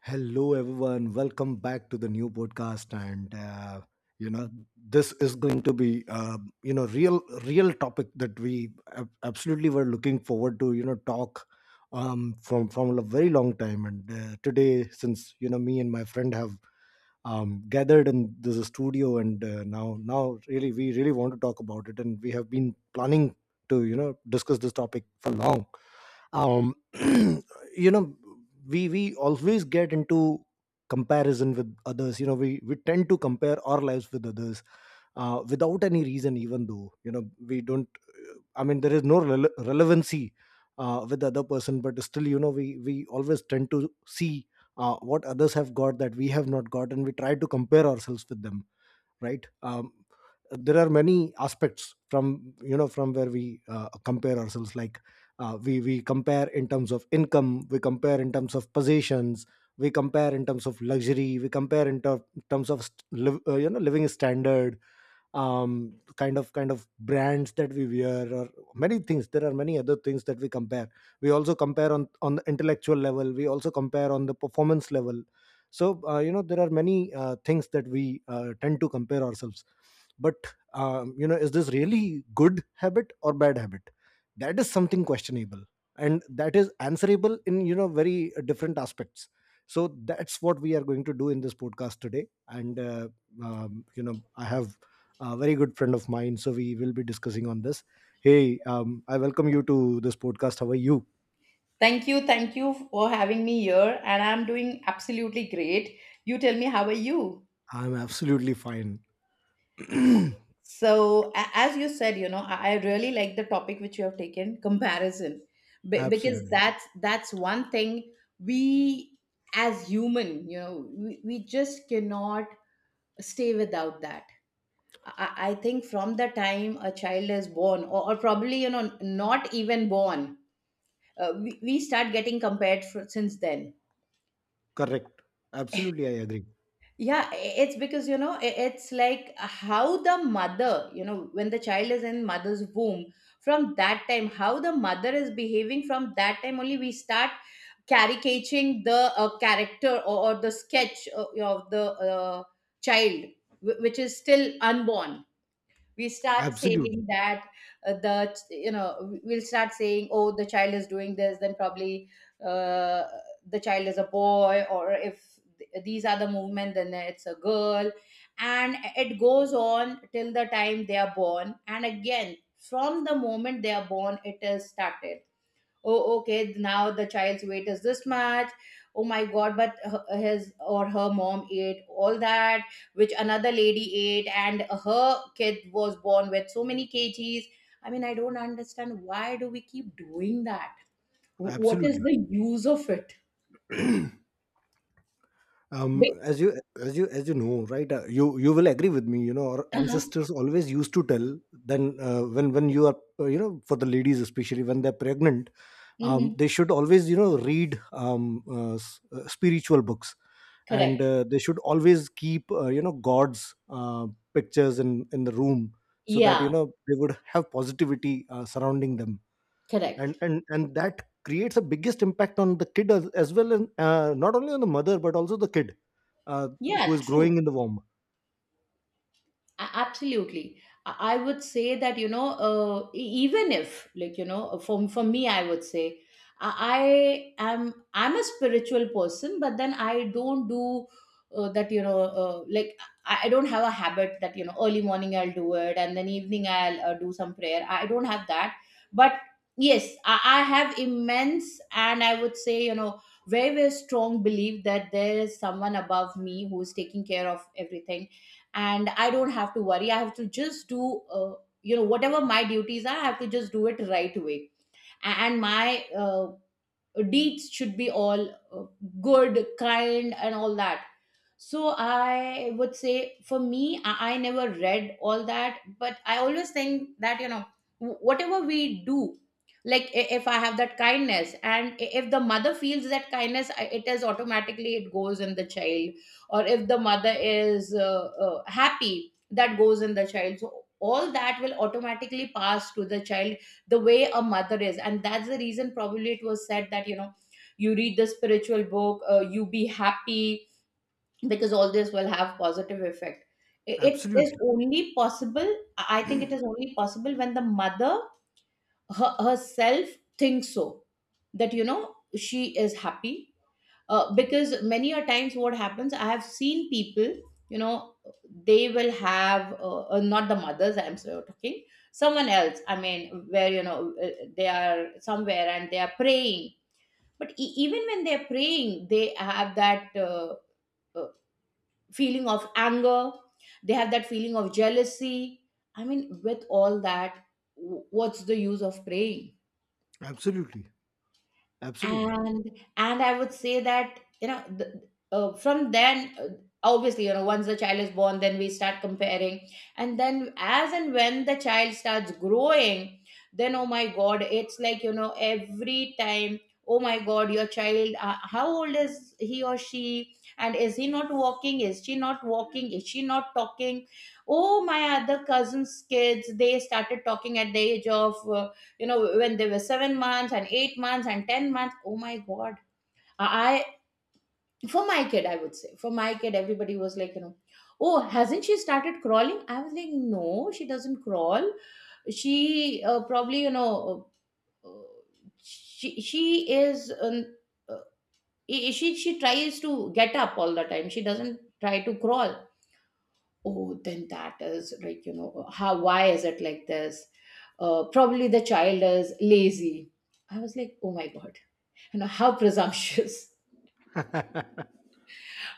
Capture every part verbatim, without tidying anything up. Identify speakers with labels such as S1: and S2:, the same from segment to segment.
S1: Hello, everyone. Welcome back to the new podcast. And, uh, you know, this is going to be, uh, you know, real, real topic that we ab- absolutely were looking forward to, you know, talk um, from, from a very long time. And uh, today, since, you know, me and my friend have um, gathered in this studio. And uh, now, now really, we really want to talk about it. And we have been planning to, you know, discuss this topic for long. um you know we we always get into comparison with others. you know we we tend to compare our lives with others uh, without any reason, even though, you know we don't. I mean there is no rele- relevancy uh, with the other person, but still, you know we we always tend to see uh, what others have got that we have not got, and we try to compare ourselves with them, right? Um, there are many aspects from, you know from where we uh, compare ourselves. Like uh, we we compare in terms of income, we compare in terms of possessions, we compare in terms of luxury, we compare in ter- terms of st- liv- uh, you know living standard, um kind of kind of brands that we wear, or many things. There are many other things that we compare. We also compare on on the intellectual level, we also compare on the performance level. So uh, you know there are many uh, things that we uh, tend to compare ourselves. But um, you know is this really good habit or bad habit? That is something questionable, and that is answerable in, you know very uh, different aspects. So that's what we are going to do in this podcast today. And uh, um, you know I have a very good friend of mine. So we will be discussing on this. Hey, um, I welcome you to this podcast. How are you?
S2: Thank you, thank you for having me here, and I'm doing absolutely great. You tell me, how are you?
S1: I'm absolutely fine.
S2: So, a- as you said, you know, I I really like the topic which you have taken, comparison. Be- because
S1: Absolutely.
S2: that's that's one thing we, as human, you know, we, we just cannot stay without that. I, I think from the time a child is born, or, or probably, you know, not even born. Uh, we, we start getting compared for, since then.
S1: Correct. Absolutely, I agree.
S2: Yeah, i- it's because, you know i- it's like how the mother, you know when the child is in mother's womb, from that time how the mother is behaving, from that time only we start caricaturing the uh, character, or, or the sketch, uh, of the uh, child, wh- which is still unborn. We start saying
S1: Absolutely,
S2: that, uh, the you know we'll start saying, oh, the child is doing this, then probably, uh, the child is a boy, or if th- these are the movement, then it's a girl. And it goes on till the time they are born. And again from the moment they are born, it is started. Oh, okay, now the child's weight is this much. Oh my god, but her- his or her mom ate all that which another lady ate, and her kid was born with so many kgs. I mean, I don't understand, why do we keep doing that? Wh- what is
S1: absolutely.
S2: the use of it?
S1: Um,
S2: Be-
S1: as you as you as you know, right? Uh, you you will agree with me. You know, our
S2: uh-huh.
S1: ancestors always used to tell, then uh, when when you are, uh, you know for the ladies especially, when they're pregnant, um,
S2: Hmm.
S1: they should always, you know read, um, uh, s- uh, spiritual books, and
S2: Correct.
S1: uh, they should always keep, uh, you know god's uh, pictures in in the room, so that, you
S2: Yeah.
S1: know they would have positivity uh, surrounding them. and
S2: Correct.
S1: and and that creates the biggest impact on the kid as, as well, and uh, not only on the mother but also the kid uh, who
S2: Yeah,
S1: is
S2: true.
S1: growing in the womb.
S2: A- absolutely i I would say that, you know uh, e- even if, like, you know uh, for, for me, I would say, i I am i'm a spiritual person, but then I don't do, uh, that, you know uh, like, I, I don't have a habit that, you know early morning I'll do it, and then evening I'll uh, do some prayer. I don't have that. But yes, I, I have immense, and I would say, you know very, very strong belief that there is someone above me who's taking care of everything. And I don't have to worry, I have to just do, uh, you know whatever my duties are, I have to just do it right away. A- and my uh, deeds should be all, uh, good, kind, and all that. So I would say, for me, I, I never read all that, but I always think that, you know wh- whatever we do, like, i- if I have that kindness, and i- if the mother feels that kindness, I- it is automatically, it goes in the child. Or if the mother is uh, uh, happy, that goes in the child. So all that will automatically pass to the child, the way a mother is. And that's the reason probably it was said that, you know you read the spiritual book, uh, you be happy, because all this will have positive effect. I- it is
S1: Absolutely.
S2: only possible, i I think it is only possible when the mother, her, herself, thinks so. That, you know she is happy. Uh, because many a times what happens, I have seen people, you know they will have, uh, uh, not the mothers I'm so talking, someone else, I mean, where, you know uh, they are somewhere and they are praying. But e- even when they're praying, they have that uh, uh, feeling of anger, they have that feeling of jealousy. I mean, with all that, w- what's the use of praying?
S1: Absolutely. Absolutely.
S2: And and I would say that, you know the, uh, from then, uh, obviously, you know once the child is born, then we start comparing. And then, as and when the child starts growing, then, oh my god, it's like, you know every time, oh my god, your child, uh, how old is he or she? And is he not walking? Is she not walking? Is she not talking? Oh, my other cousins kids, they started talking at the age of, uh, you know when they were seven months and eight months and ten months. Oh my god. I For my kid, I would say, for my kid everybody was like, you know oh, hasn't she started crawling? I was like, no, she doesn't crawl. She, uh, probably, you know uh, she she is, um, uh, she she tries to get up all the time, she doesn't try to crawl. Oh, then that is like, you know how, why is it like this? Uh, probably the child is lazy. I was like, oh my god. You know, how presumptuous.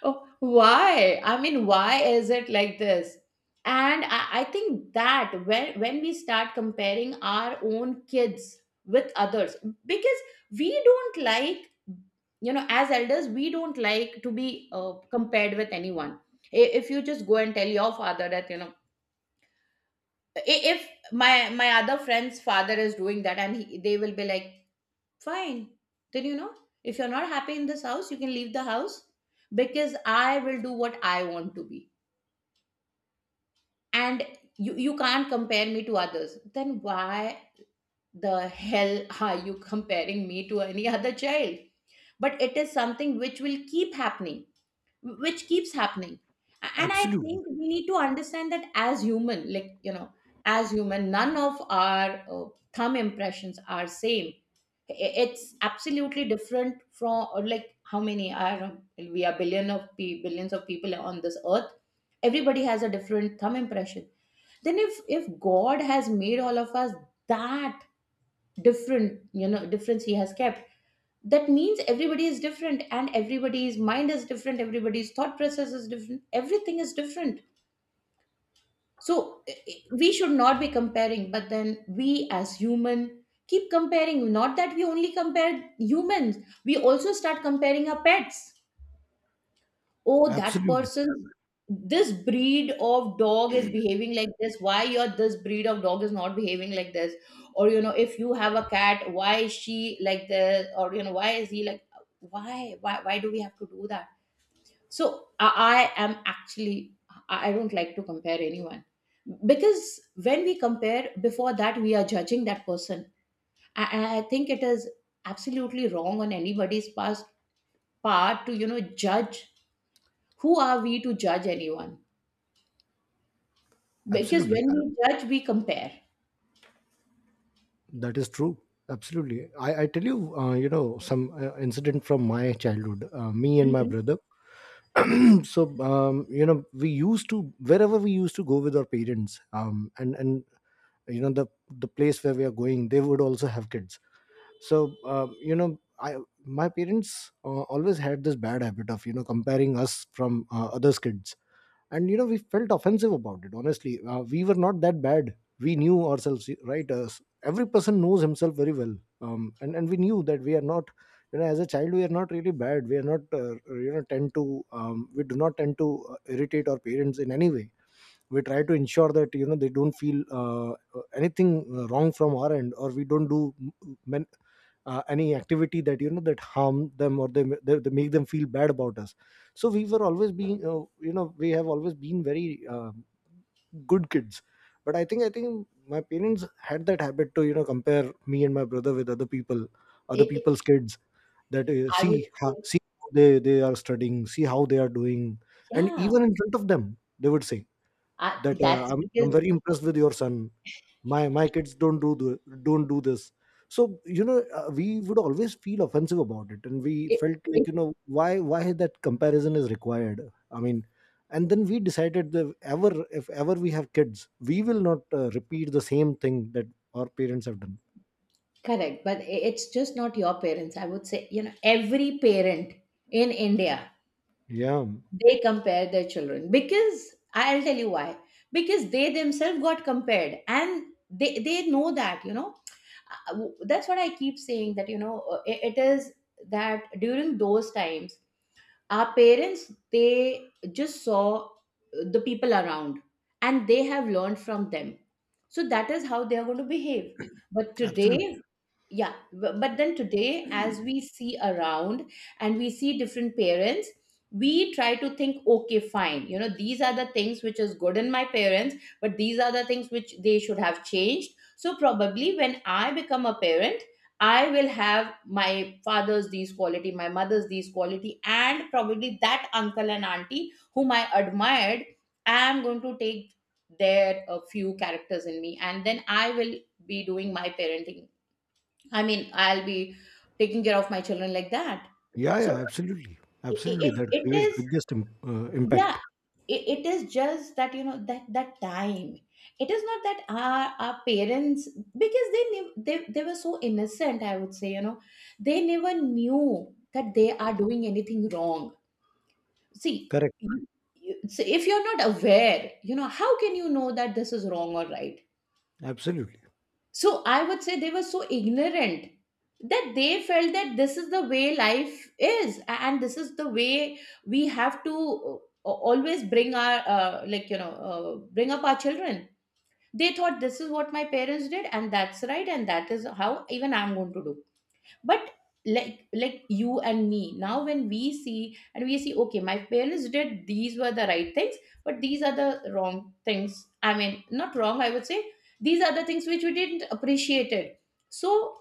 S2: Oh, why? I mean, why is it like this? And I, I think that when, when we start comparing our own kids with others, because we don't like, you know, as elders, we don't like to be uh, compared with anyone. I- If you just go and tell your father that, you know, i- if my my other friend's father is doing that and he, they will be like, fine. Then, you know, if you're not happy in this house, you can leave the house, because I will do what I want to be. And you, you can't compare me to others. Then why the hell are you comparing me to any other child? But it is something which will keep happening, which keeps happening. And I
S1: Absolutely.
S2: think we need to understand that as human, like, you know, as human, none of our uh, thumb impressions are same. It's absolutely different from, or, like, how many are we, are billion of pe- billions of people on this earth. Everybody has a different thumb impression. Then if if god has made all of us that different, you know difference he has kept, that means everybody is different, and everybody's mind is different, everybody's thought process is different, everything is different. So i- i- we should not be comparing, but then we, as human, keep comparing. Not that we only compare humans, we also start comparing our pets. Oh, that
S1: Absolutely.
S2: person, this breed of dog is behaving like this, why your this breed of dog is not behaving like this? Or, you know if you have a cat, why is she like this? Or, you know why is he like, why why why do we have to do that? So i I am actually, i I don't like to compare anyone, because when we compare, before that, we are judging that person. I, I think it is absolutely wrong on anybody's past, part to, you know judge. Who are we to judge anyone? Because
S1: Absolutely.
S2: when we judge, we compare.
S1: That is true. Absolutely. I, I tell you, uh, you know some uh, incident from my childhood, uh, me and my
S2: Mhm.
S1: brother. So um, you know we used to, wherever we used to go with our parents, um, and and you know the the place where we are going, they would also have kids. So um, you know I my parents uh, always had this bad habit of, you know comparing us from uh, others kids. And, you know we felt offensive about it. Honestly, uh, we were not that bad. We knew ourselves, right? Uh, every person knows himself very well. um, and and we knew that we are not, you know as a child we are not really bad. We are not uh, you know tend to um, We do not tend to uh, irritate our parents in any way. We try to ensure that, you know they don't feel uh, uh, anything wrong from our end, or we don't do, men, uh, any activity that, you know that harm them, or they, they, they make them feel bad about us. So we were always being uh, you know we have always been very uh, good kids. But i think i think my parents had that habit to, you know compare me and my brother with other people,
S2: I
S1: other people's
S2: I
S1: kids. That uh,
S2: I would
S1: see ha,
S2: say,
S1: see how they they are studying, see how they are doing. And
S2: yeah,
S1: even in front of them they would say
S2: I,
S1: that, uh,
S2: that's
S1: I'm, I'm
S2: because
S1: very impressed with your son. My my kids don't do the, don't do this. So, you know uh, we would always feel offensive about it, and we
S2: it,
S1: felt like,
S2: it's
S1: you know why why that comparison is required, I mean. And then we decided that, ever if ever we have kids, we will not uh, repeat the same thing that our parents have done.
S2: correct. But i- it's just not your parents, I would say. You know every parent in India,
S1: Yeah.
S2: they compare their children, because I'll tell you why. Because they themselves got compared, and they they know that, you know Uh, w- that's what I keep saying, that, you know uh, i- it is that during those times, our parents, they just saw uh, the people around, and they have learned from them. So that is how they are going to behave. But today,
S1: Absolutely.
S2: yeah, bu- but then today, as we see around, and we see different parents, we try to think, okay, fine, you know these are the things which is good in my parents, but these are the things which they should have changed. So probably when I become a parent, I will have my father's these quality, my mother's these quality, and probably that uncle and auntie whom I admired, I am going to take their a few characters in me, and then I will be doing my parenting. I mean, I'll be taking care of my children like that.
S1: Yeah,
S2: So
S1: yeah. Absolutely.
S2: it,
S1: Absolutely,
S2: it,
S1: that
S2: it
S1: creates
S2: is,
S1: biggest im- uh,
S2: yeah,
S1: impact.
S2: it, it is just that, you know, that, that time. It is not that our, our parents, because they knew, they, they were so innocent, I would say, you know, they never knew that they are doing anything wrong. See,
S1: Correct.
S2: you- you- so if you're not aware, you know, how can you know that this is wrong or right?
S1: Absolutely.
S2: So I would say they were so ignorant, that they felt that this is the way life is, a- and this is the way we have to uh, always bring our, uh, like, you know, uh, bring up our children. They thought this is what my parents did, and that's right, and that is how even I'm going to do. But like like you and me now, when we see and we see okay, my parents did these were the right things, but these are the wrong things. I mean, not wrong, I would say these are the things which we didn't appreciate it. So,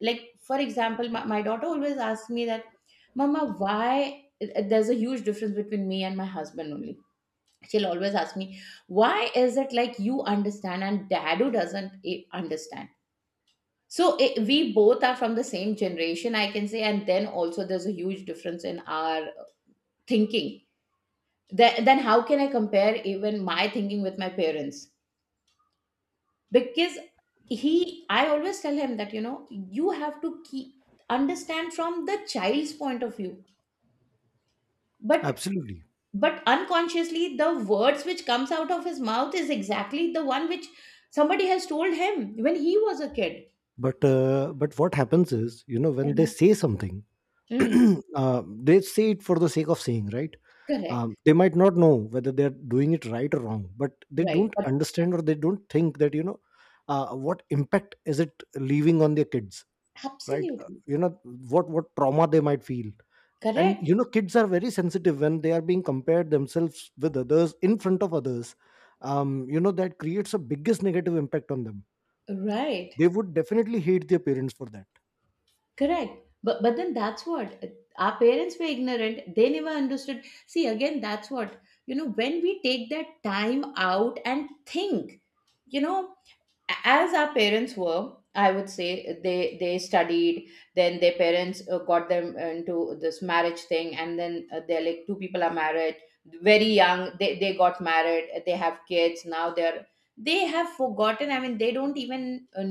S2: like for example, my, my daughter always asks me that, mama, why there's a huge difference between me and my husband only. She'll always ask me, why is it like you understand and dad who doesn't eh, understand? So I we both are from the same generation, I can say, and then also there's a huge difference in our thinking. Then, then how can I compare even my thinking with my parents? Because he, I always tell him that you know you have to keep understand from the child's point of view, but
S1: Absolutely.
S2: but unconsciously the words which comes out of his mouth is exactly the one which somebody has told him when he was a kid.
S1: But uh, but what happens is, you know when they
S2: Mhm.
S1: say something,
S2: Mm,
S1: uh, they say it for the sake of saying, right?
S2: correct.
S1: Um, they might not know whether they're doing it right or wrong, but they
S2: Right.
S1: don't
S2: But
S1: understand, or they don't think that, you know uh, what impact is it leaving on their kids, right? Uh,
S2: absolutely
S1: you know what what trauma they might feel. And,
S2: correct.
S1: you know kids are very sensitive when they are being compared themselves with others in front of others. Um, you know that creates a biggest negative impact on them.
S2: Right,
S1: They would definitely hate their parents for that.
S2: correct. But but then that's what our parents were ignorant. They never understood. See, again, that's what you know. When we take that time out and think, you know, a- as our parents were, I would say they they studied. Then their parents uh, got them into this marriage thing, and then uh, they're like two people are married very young. They they got married. They have kids now. They're they have forgotten. I mean, they don't even uh,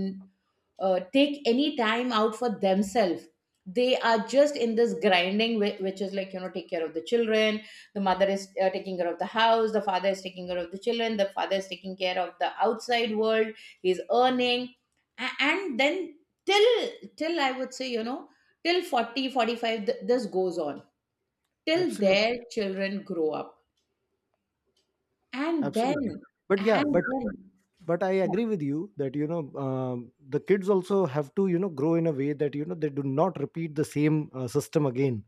S2: uh, take any time out for themselves. They are just in this grinding whi- which is like, you know, take care of the children, the mother is uh, taking care of the house, the father is taking care of the children, the father is taking care of the outside world, he's earning. A- and then, till till I would say, you know, till forty forty five forty-five th- this goes on till
S1: Absolutely.
S2: their children grow up. And then
S1: Absolutely. But yeah,
S2: and
S1: but,
S2: then
S1: but I
S2: Yeah,
S1: agree with you that, you know um, the kids also have to, you know grow in a way that, you know they do not repeat the same uh, system again.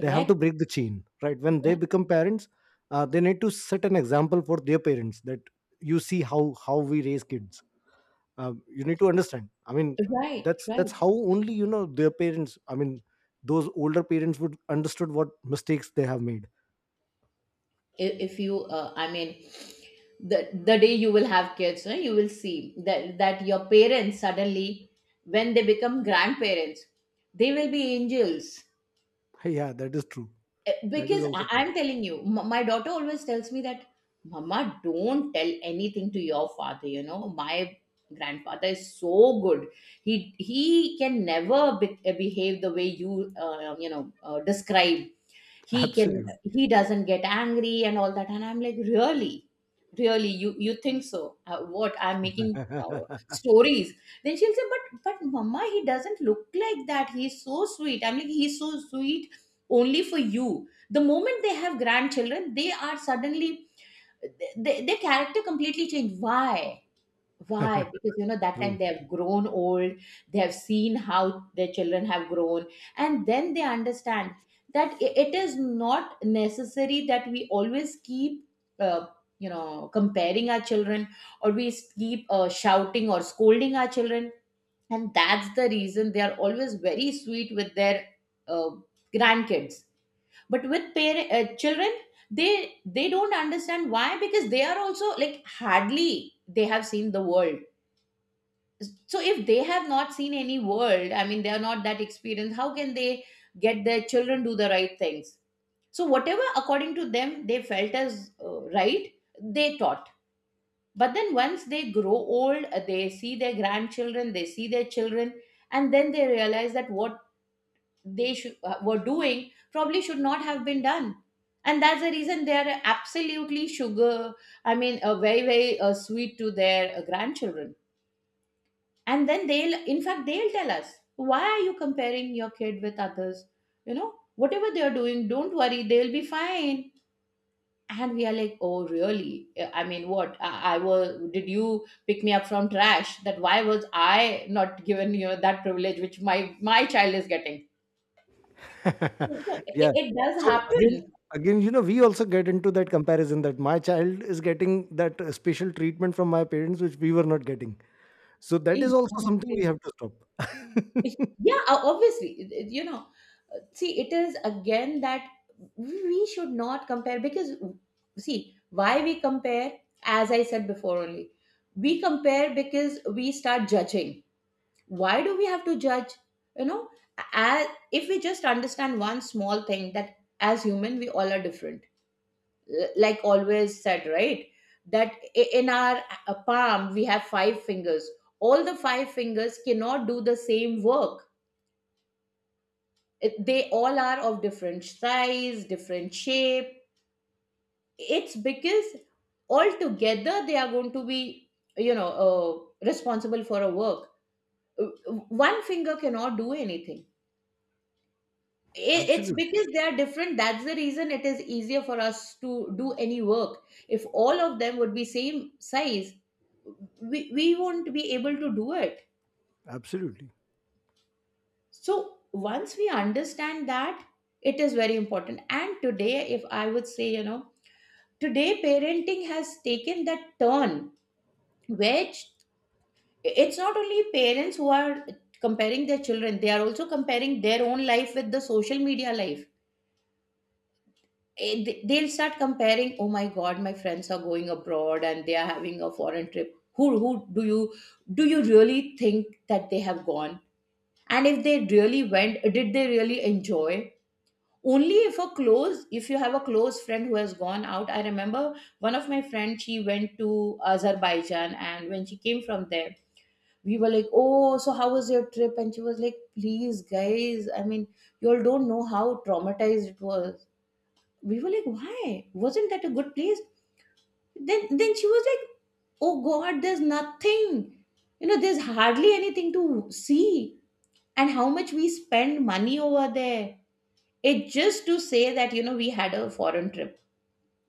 S1: They have to break the chain, right? When they
S2: Yeah,
S1: become parents, uh, they need to set an example for their parents that, you see how how we raise kids. Um, you need to understand. I mean,
S2: right,
S1: that's that's
S2: right.
S1: how only, you know, their parents, I mean, those older parents would understood what mistakes they have made.
S2: I- if you, uh, I mean, the the day you will have kids, eh, you will see that that your parents suddenly, when they become grandparents, they will be angels.
S1: Yeah, that is true.
S2: Eh,
S1: That is
S2: because I,
S1: also true.
S2: I'm telling you, m- my daughter always tells me that, mama, don't tell anything to your father, you know, my grandfather is so good, he he can never be- eh, behave the way you uh, you know, uh, describe. he can
S1: Absolutely.
S2: he doesn't get angry and all that. And I'm like, really? Really, you you think so? Uh, what I'm making, uh, stories. Then she'll say, but but mama, he doesn't look like that, he's so sweet. I'm like, he's so sweet only for you. The moment they have grandchildren they are suddenly, th- th- their character completely changed. Why? why? Because you know, that time
S1: True.
S2: they have grown old, they have seen how their children have grown, and then they understand that i- it is not necessary that we always keep, uh, you know, comparing our children, or we s- keep uh, shouting or scolding our children, and that's the reason they are always very sweet with their uh, grandkids. But with parent uh, children, they they don't understand why, because they are also like, hardly they have seen the world. So if they have not seen any world, I mean, they are not that experienced, how can they get their children do the right things. So whatever according to them they felt as uh, right, they taught. But then once they grow old, uh, they see their grandchildren, they see their children, and then they realize that what they should, uh, were doing probably should not have been done. And that's the reason they are absolutely sugar, I mean, uh, very very uh, sweet to their uh, grandchildren. And then they'll in fact they'll tell us, why are you comparing your kid with others, you know, whatever they are doing, don't worry, they'll be fine. And we are like, oh, really? Uh, I mean, what i, I was, did you pick me up from trash, that why was I not given, you know, that privilege which my my child is getting. So it,
S1: Yeah.
S2: it does
S1: So again,
S2: happen.
S1: again, you know, we also get into that comparison that my child is getting that uh, special treatment from my parents, which we were not getting. So that is also something
S2: Exactly.
S1: we have to stop.
S2: Yeah, o- obviously, it- it- you know, uh, see, it is again that we should not compare, because see why we compare, as I said before only, we compare because we start judging. Why do we have to judge? You know, as, if we just understand one small thing that as human we all are different. L- like always said, right, that i- in our uh, palm we have five fingers. All the five fingers cannot do the same work, it, they all are of different size, different shape. It's because all together they are going to be, you know, uh, responsible for a work. Uh, One finger cannot do anything. I- it's
S1: Absolutely.
S2: because they are different, that's the reason it is easier for us to do any work. If all of them would be same size, we, we won't be able to do it.
S1: Absolutely.
S2: So once we understand that, it is very important. And today, if I would say, you know, today parenting has taken that turn which, it's not only parents who are comparing their children, they are also comparing their own life with the social media life. Eh, they- they'll start comparing, oh my god, my friends are going abroad and they are having a foreign trip. Who who, do you do you really think that they have gone? And if they really went, did they really enjoy? Only if a close if you have a close friend who has gone out. I remember one of my friends, she went to Azerbaijan, and when she came from there, we were like, oh, so how was your trip? And she was like, please guys, I mean, you all don't know how traumatized it was. We were like, why, wasn't that a good place? Then then she was like, oh god, there's nothing, you know, there's hardly anything to see. And how much we spend money over there, it just to say that, you know, we had a foreign trip,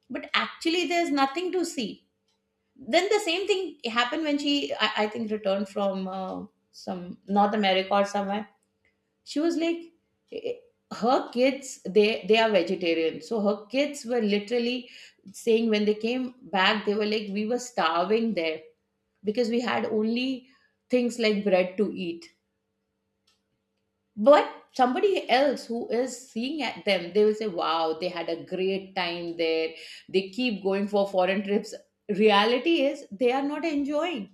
S2: but actually there's nothing to see. Then the same thing happened when she i, I think returned from uh, some North America or somewhere. She was like, eh, eh, her kids, they they are vegetarian, so her kids were literally saying when they came back, they were like, we were starving there, because we had only things like bread to eat. But somebody else who is seeing at them, they will say, wow, they had a great time there, they keep going for foreign trips. Reality is they are not enjoying.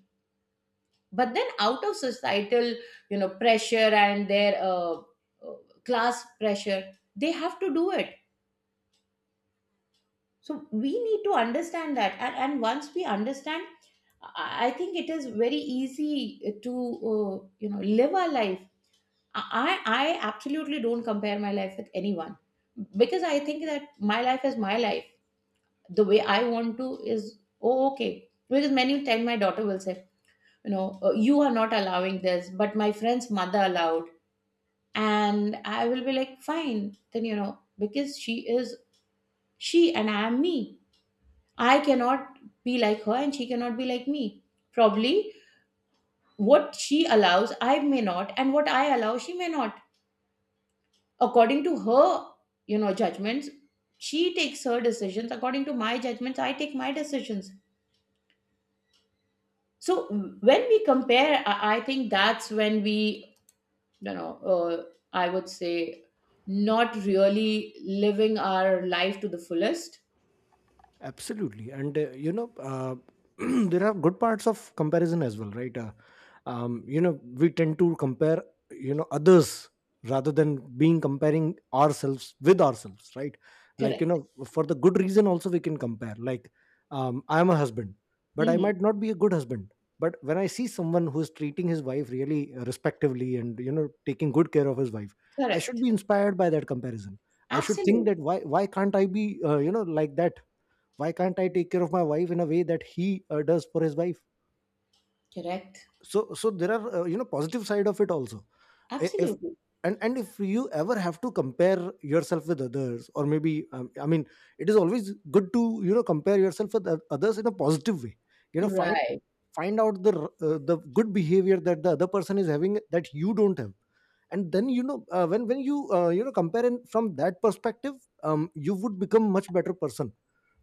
S2: But then out of societal, you know, pressure and their uh, uh, class pressure, they have to do it. So we need to understand that, and, and once we understand, i I think it is very easy to, uh, you know, live our life. I I absolutely don't compare my life with anyone, because I think that my life is my life. The way I want to is, oh, okay. Because many times my daughter will say, you know, "Uh, you are not allowing this, but my friend's mother allowed," and I will be like, fine. Then, you know, because she is she and I am me. I cannot be like her and she cannot be like me. Probably what she allows I may not, and what I allow she may not. According to her, you know, judgments she takes her decisions, according to my judgments I take my decisions. So when we compare, i, I think that's when we, you know, uh, I would say, not really living our life to the fullest.
S1: Absolutely. And, uh, you know, uh, there are good parts of comparison as well, right? Uh, um, you know, we tend to compare, you know, others rather than being comparing ourselves with ourselves, right? Like, you
S2: Correct.
S1: know, for the good reason, also we can compare. Like, um, I'm a husband, but I
S2: Hmm.
S1: might not be a good husband. But when I see someone who's treating his wife really uh, respectively, and, you know, taking good care of his wife, I should
S2: Correct.
S1: be inspired by that comparison. I should think that
S2: Absolutely.
S1: why why can't I be, uh, you know like that. Why can't I take care of my wife in a way that he uh, does for his wife.
S2: Correct.
S1: So so there are, uh, you know positive side of it also. I- if
S2: Absolutely.
S1: and and if you ever have to compare yourself with others, or maybe, um, I mean, it is always good to, you know compare yourself with oth- others in a positive way. you know find
S2: Right.
S1: find out the r- uh, the good behavior that the other person is having, that you don't have. And then, you know uh, when when you, uh, you know compare in from that perspective, um, you would become much better person,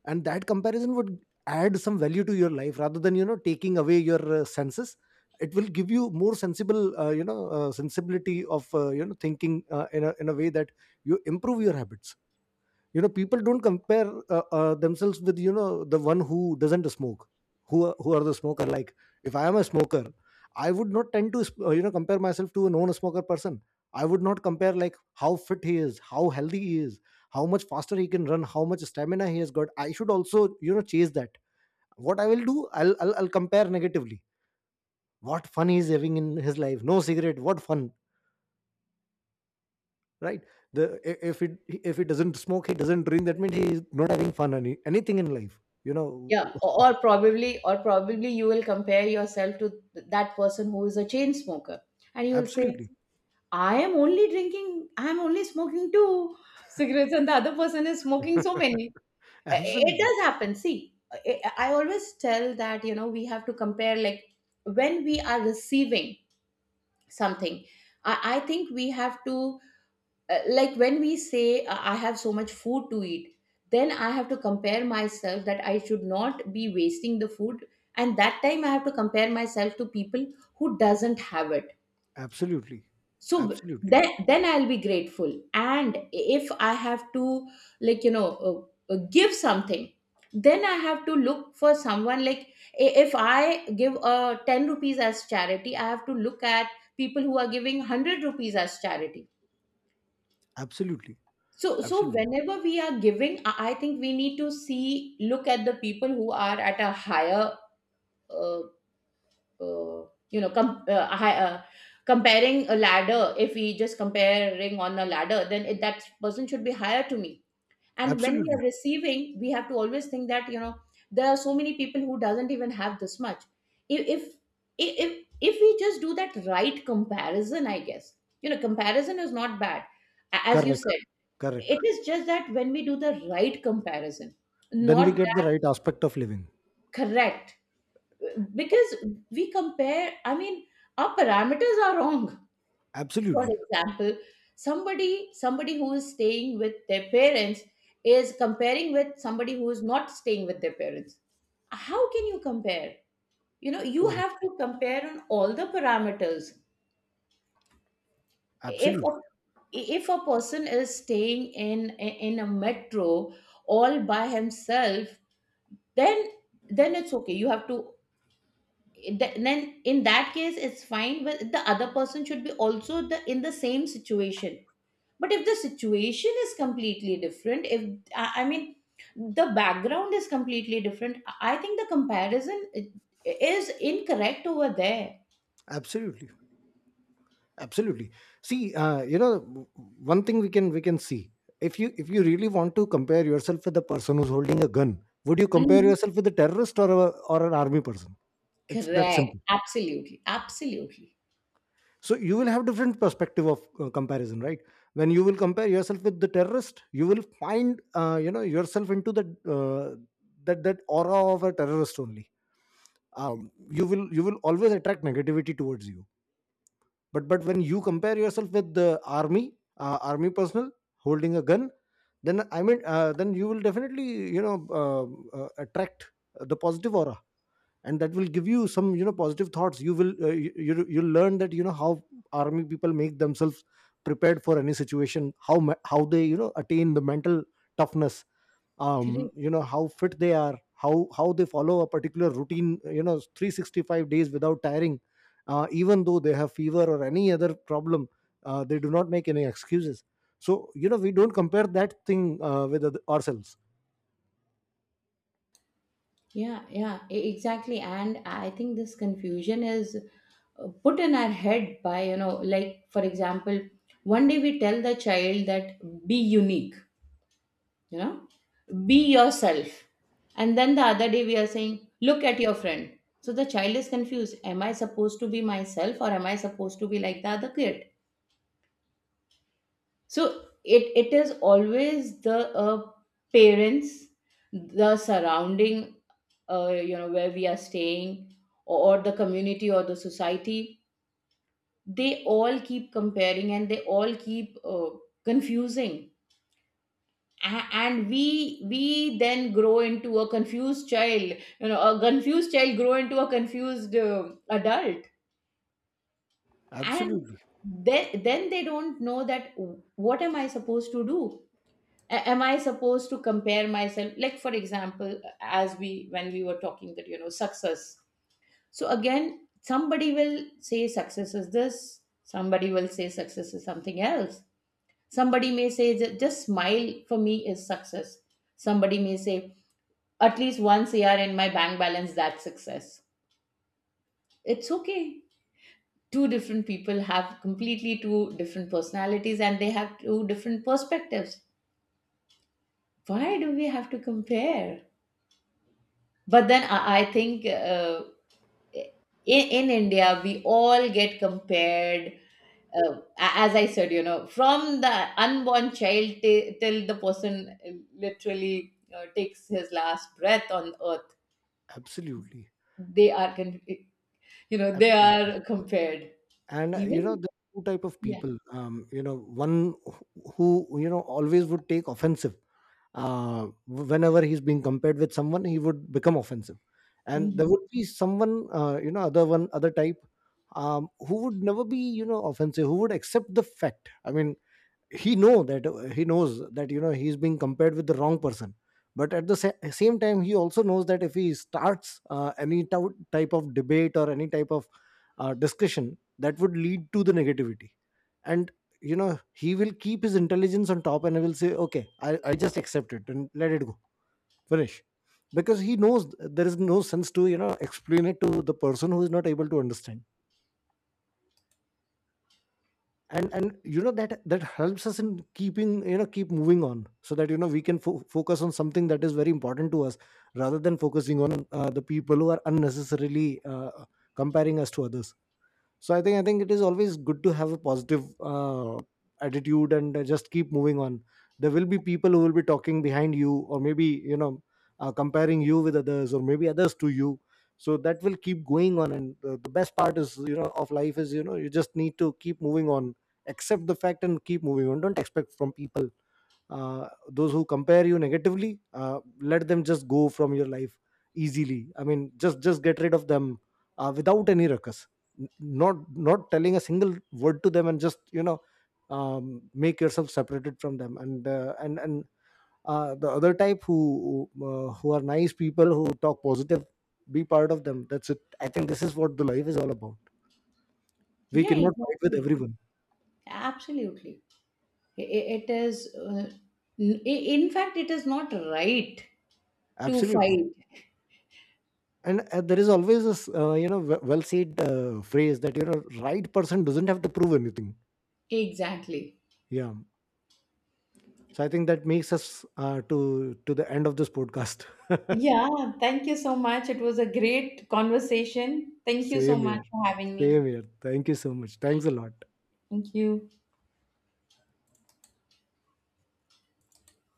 S1: and that comparison would add some value to your life rather than, you know taking away your uh, senses. It will give you more sensible, uh, you know uh, sensibility of, uh, you know thinking uh, in a in a way that you improve your habits. You know people don't compare uh, uh, themselves with, you know the one who doesn't smoke, who are- who are the smoker. Like, if I am a smoker, I would not tend to sp- uh, you know compare myself to a non smoker person. I would not compare like how fit he is, how healthy he is, how much faster he can run, how much stamina he has got. I should also, you know chase that. What I will do, i'll i'll, I'll compare negatively. What fun he's having in his life, no cigarette, what fun, right? the I- if it If he doesn't smoke, he doesn't drink, that means he is not having fun any, anything in life, you know.
S2: Yeah, or or probably, or probably you will compare yourself to th- that person who is a chain smoker, and you will say,
S1: Absolutely.
S2: I am only drinking, I am only smoking two cigarettes, and the other person is smoking so many. I- It
S1: Absolutely.
S2: does happen. See, I I always tell that, you know, we have to compare like when we are receiving something. I, I think we have to, uh, like, when we say, uh, I have so much food to eat, then I have to compare myself that I should not be wasting the food. And that time I have to compare myself to people who doesn't have it.
S1: Absolutely.
S2: So
S1: Absolutely.
S2: then then I'll be grateful. And if I have to, like, you know, uh, uh, give something, then I have to look for someone, like, i- if I give uh, ten rupees as charity, I have to look at people who are giving one hundred rupees as charity.
S1: Absolutely.
S2: So so
S1: Absolutely.
S2: whenever we are giving, i I think we need to see, look at the people who are at a higher, uh, uh, you know, com- uh, hi- uh, comparing a ladder, if we just comparing on a ladder, then it, that person should be higher to me. And when we
S1: Absolutely.
S2: are receiving we have to always think that, you know, there are so many people who doesn't even have this much. if if if, if if we just do that right comparison, I guess, you know, comparison is not bad. A- as you
S1: Correct.
S2: said, it
S1: Correct.
S2: is just that when we do the right comparison,
S1: Then we
S2: not
S1: get the
S2: that.
S1: right aspect of living.
S2: Correct. Because we compare, I mean, our parameters are wrong. For
S1: Absolutely.
S2: example, somebody somebody who is staying with their parents is comparing with somebody who is not staying with their parents. How can you compare? You know, you
S1: Correct.
S2: have to compare on all the parameters. if
S1: Absolutely.
S2: a, if a person is staying in in a metro all by himself, then then it's okay, you have to, th- then in that case it's fine, but the other person should be also the in the same situation. But if the situation is completely different, if i I mean, the background is completely different, I think the comparison i- is incorrect over there.
S1: Absolutely. Absolutely. See, uh, you know w- one thing we can, we can see, if you, if you really want to compare yourself with a person who's holding a gun, would you compare
S2: Mhm.
S1: yourself with a terrorist, or a, or an army person? It's that
S2: Correct.
S1: simple.
S2: Absolutely. Absolutely.
S1: So you will have different perspective of uh, comparison, right? When you will compare yourself with the terrorist, You will find uh, you know yourself into the uh, that that aura of a terrorist only. um, you will you will always attract negativity towards you. But but when you compare yourself with the army uh, army personnel holding a gun, then i mean uh, then you will definitely you know uh, uh, attract the positive aura. And that will give you some, you know, positive thoughts. You will uh, you you you'll learn that, you know, how army people make themselves prepared for any situation, how ma- how they, you know, attain the mental toughness. Um,
S2: Correct.
S1: you know how fit they are, how how they follow a particular routine, you know, three sixty-five days without tiring, uh, even though they have fever or any other problem, uh, they do not make any excuses. So, you know, we don't compare that thing uh, with oth- ourselves.
S2: Yeah. Yeah e- exactly. And I think this confusion is uh, put in our head by, you know, like for example, one day we tell the child that be unique, you know, be yourself. And then the other day we are saying, look at your friend. So the child is confused, am I supposed to be myself or am I supposed to be like the other kid? So it it is always the uh, parents, the surrounding, uh, you know, where we are staying, or the community or the society. They all keep comparing, and they all keep uh, confusing. A- and we we then grow into a confused child. You know, a confused child grow into a confused uh, adult. And
S1: Absolutely.
S2: then then they don't know that, what am I supposed to do? A- am I supposed to compare myself? Like for example, as we when we were talking, that, you know, success. So again, somebody will say success is this, somebody will say success is something else. Somebody may say, "Ju- just smile for me is success." Somebody may say, at least once a year in my bank balance, that's success. It's okay. Two different people have completely two different personalities and they have two different perspectives. Why do we have to compare? But then I, I think, uh, in, in India, we all get compared. Uh, a- as I said, you know, from the unborn child t- till the person uh, literally uh, takes his last breath on earth,
S1: Absolutely.
S2: they are, con- you know, they
S1: Absolutely.
S2: are compared.
S1: And uh, you know,
S2: Even,
S1: there are two type of
S2: yeah.
S1: people, um, you know, one who who, you know, always would take offensive. Uh, whenever he's being compared with someone, he would become offensive. And there
S2: Mhm.
S1: would be someone, uh, you know, other one, other type, um, who would never be, you know, offensive, who would accept the fact. I mean, he know that, he knows that, you know, he's being compared with the wrong person. But at the sa- same time, he also knows that if he starts uh, any tou- type of debate or any type of uh, discussion, that would lead to the negativity. And you know, he will keep his intelligence on top, and he will say, "Okay, i, I just accept it and let it go. Finish." Because he knows there is no sense to, you know, explain it to the person who is not able to understand. And and you know, that that helps us in keeping, you know, keep moving on, so that, you know, we can fo- focus on something that is very important to us, rather than focusing on uh, the people who are unnecessarily uh, comparing us to others. So i think i think it is always good to have a positive uh, attitude, and uh, just keep moving on. There will be people who will be talking behind you, or maybe, you know, uh, comparing you with others, or maybe others to you. So that will keep going on, and the, the best part is, you know, of life is, you know, you just need to keep moving on. Accept the fact and keep moving on. Don't expect from people. Uh, those who compare you negatively, uh, let them just go from your life easily. I mean, just just get rid of them, uh, without any ruckus. N- not not telling a single word to them, and just, you know, um, make yourself separated from them. And uh, and and uh, the other type who who, uh, who are nice people, who talk positive, be part of them. That's it. I think this is what the life is all about. We
S2: Yeah,
S1: cannot fight with
S2: exactly.
S1: everyone.
S2: Absolutely. I- i- It is, uh, n- i- in fact, it is not right to
S1: Absolutely.
S2: fight.
S1: And uh, there is always this, uh, you know, w- well said uh, phrase that, you know, right person doesn't have to prove anything.
S2: Exactly.
S1: Yeah. So I think that makes us uh, to to the end of this podcast.
S2: Yeah, thank you so much. It was a great conversation. Thank you so
S1: Same
S2: much
S1: here.
S2: for having
S1: Same
S2: me.
S1: here. Thank you so much. Thanks a lot.
S2: Thank you.